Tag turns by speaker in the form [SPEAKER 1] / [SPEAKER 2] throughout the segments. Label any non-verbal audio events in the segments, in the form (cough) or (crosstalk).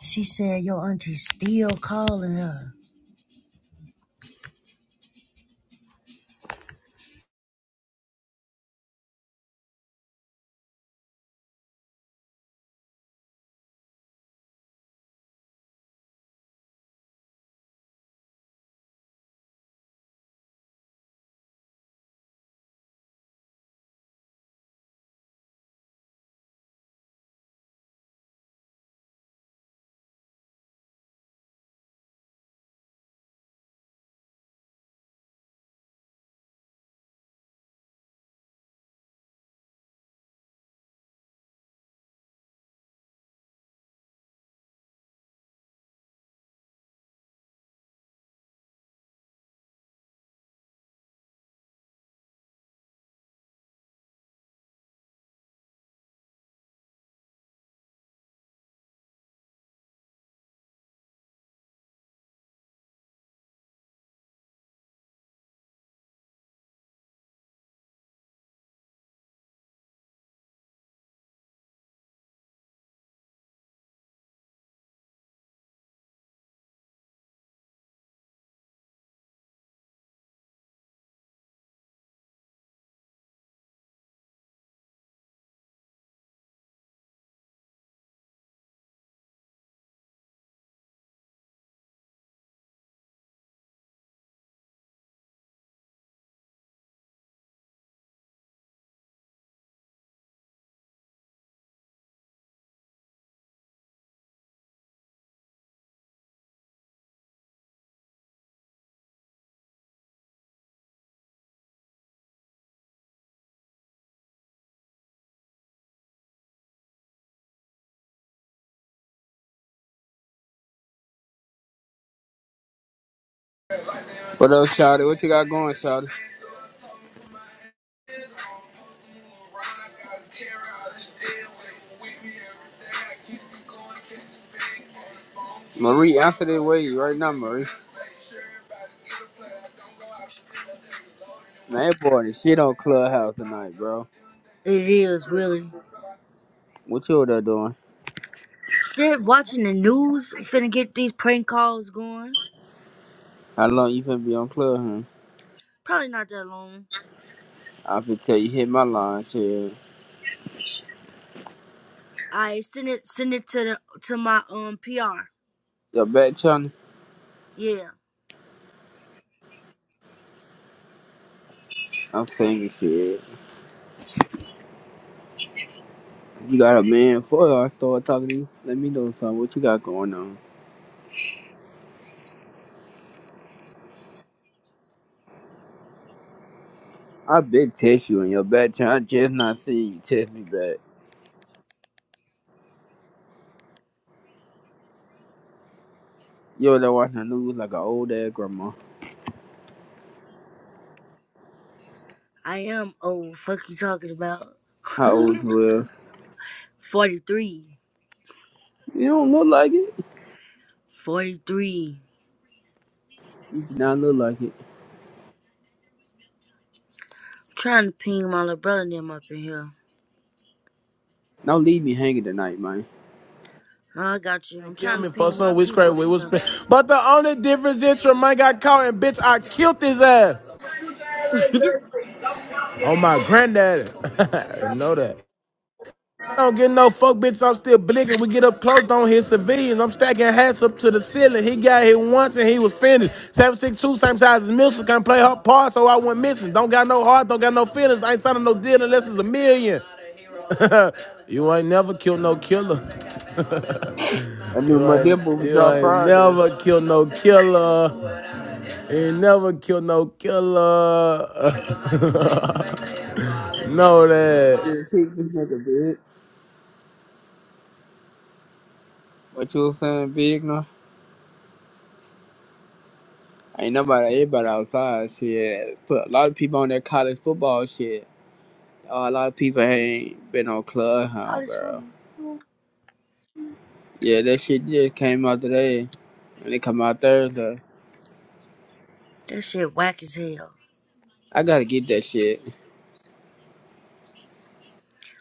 [SPEAKER 1] She said your auntie's still calling her.
[SPEAKER 2] What up, Shotty? What you got going, Shotty? Marie, answer that way right now, Marie. Man, that boy, the shit on Clubhouse tonight, bro.
[SPEAKER 1] It is really.
[SPEAKER 2] What you over there doing?
[SPEAKER 1] Shit, watching the news, finna get these prank calls going.
[SPEAKER 2] How long you finna be on Clubhouse?
[SPEAKER 1] Probably not that long.
[SPEAKER 2] I finna tell you hit my line, shit.
[SPEAKER 1] I send it, send it to the to my um PR.
[SPEAKER 2] Your back channel?
[SPEAKER 1] Yeah,
[SPEAKER 2] I'm saying shit. You got a man for I start talking to you. Let me know something. What you got going on? I been text you in your back channel. I just not seen you text me back. You over there watching the news like an old ass grandma.
[SPEAKER 1] I am old. Fuck you talking about?
[SPEAKER 2] How old
[SPEAKER 1] (laughs)
[SPEAKER 2] you is?
[SPEAKER 1] 43.
[SPEAKER 2] You don't look like it.
[SPEAKER 1] 43.
[SPEAKER 2] You do not look like it.
[SPEAKER 1] Trying to ping my little brother and them up in here.
[SPEAKER 2] Don't leave me hanging tonight, man.
[SPEAKER 1] No, I got you. I'm
[SPEAKER 3] And kill
[SPEAKER 1] trying to
[SPEAKER 3] me for
[SPEAKER 1] ping my
[SPEAKER 3] some
[SPEAKER 1] people
[SPEAKER 3] witchcraft
[SPEAKER 1] up
[SPEAKER 3] we was spent,
[SPEAKER 1] in
[SPEAKER 3] But the only difference is Tremaine got caught and bitch I killed his ass.
[SPEAKER 1] here.
[SPEAKER 3] Oh my granddaddy. (laughs) you know that. I don't get no fuck, bitch. I'm still blinking. We get up close, don't hit civilians. I'm stacking hats up to the ceiling. He got hit once and he was finished. 762, same size as Milson. Can not play her part, so I went missing. Don't got no heart, don't got no feelings. I ain't signing no deal unless it's a million. You ain't never killed no killer.
[SPEAKER 2] I knew
[SPEAKER 3] You
[SPEAKER 2] my dear
[SPEAKER 3] ain't
[SPEAKER 2] would
[SPEAKER 3] you
[SPEAKER 2] drop
[SPEAKER 3] ain't
[SPEAKER 2] Friday.
[SPEAKER 3] never killed no killer. Ain't never kill no killer. (laughs) know that.
[SPEAKER 2] Yeah, Pick this nigga big. What you was saying, big no? Ain't nobody, everybody outside. Shit, put a lot of people on that college football shit. Uh, a lot of people ain't been on
[SPEAKER 1] (laughs) All
[SPEAKER 2] Clubhouse,
[SPEAKER 1] this for
[SPEAKER 2] bro. Yeah, that shit just came out today, and it come out Thursday.
[SPEAKER 1] That shit whack as hell.
[SPEAKER 2] I gotta get that shit.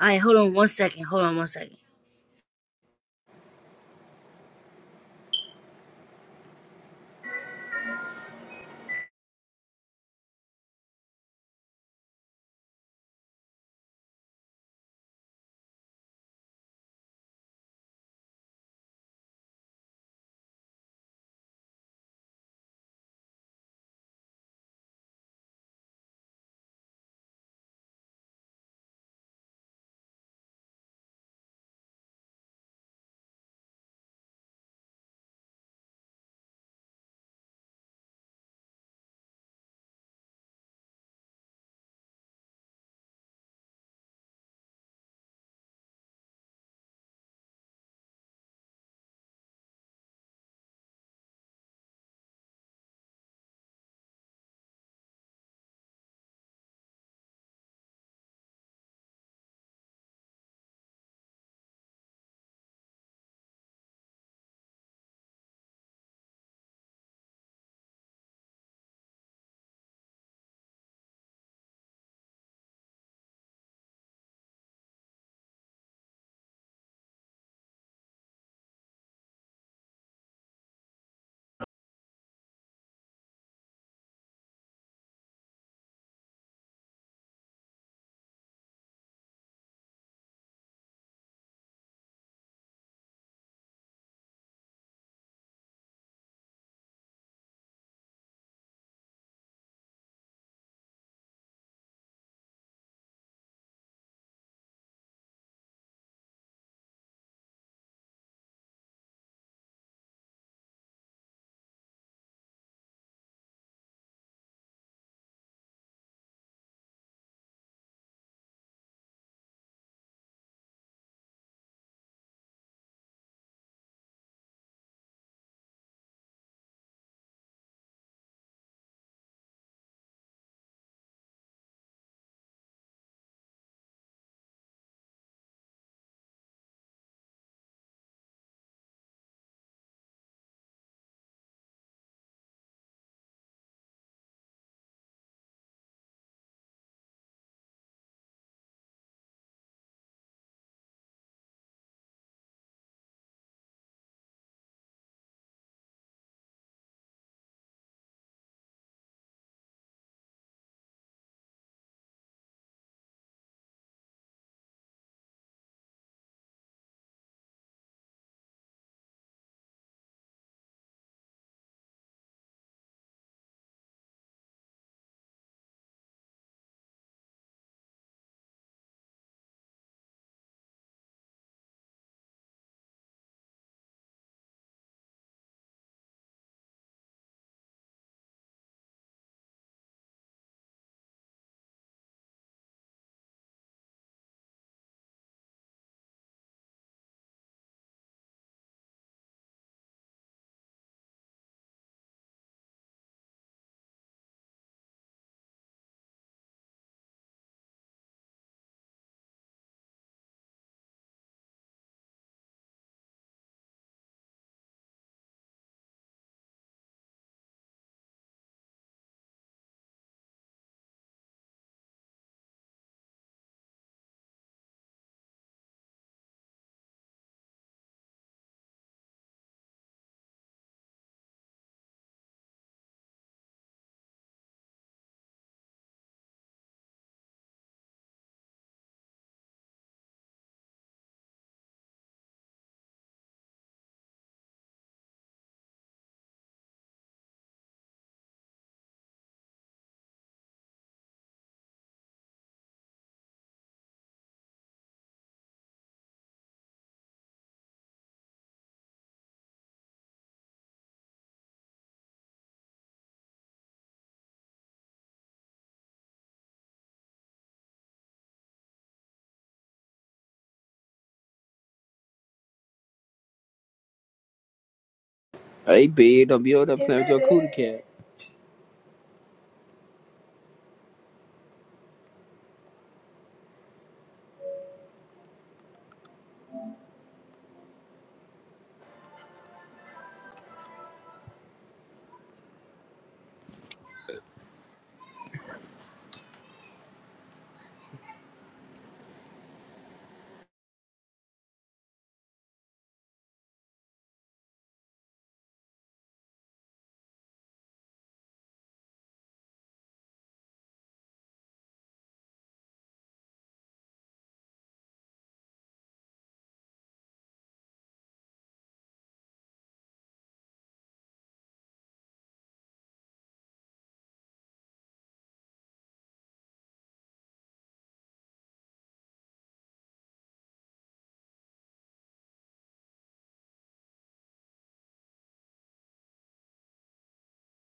[SPEAKER 1] All right, hold on one second. Hold on one second.
[SPEAKER 2] Hey, big, don't be over there playing with your cootie cat.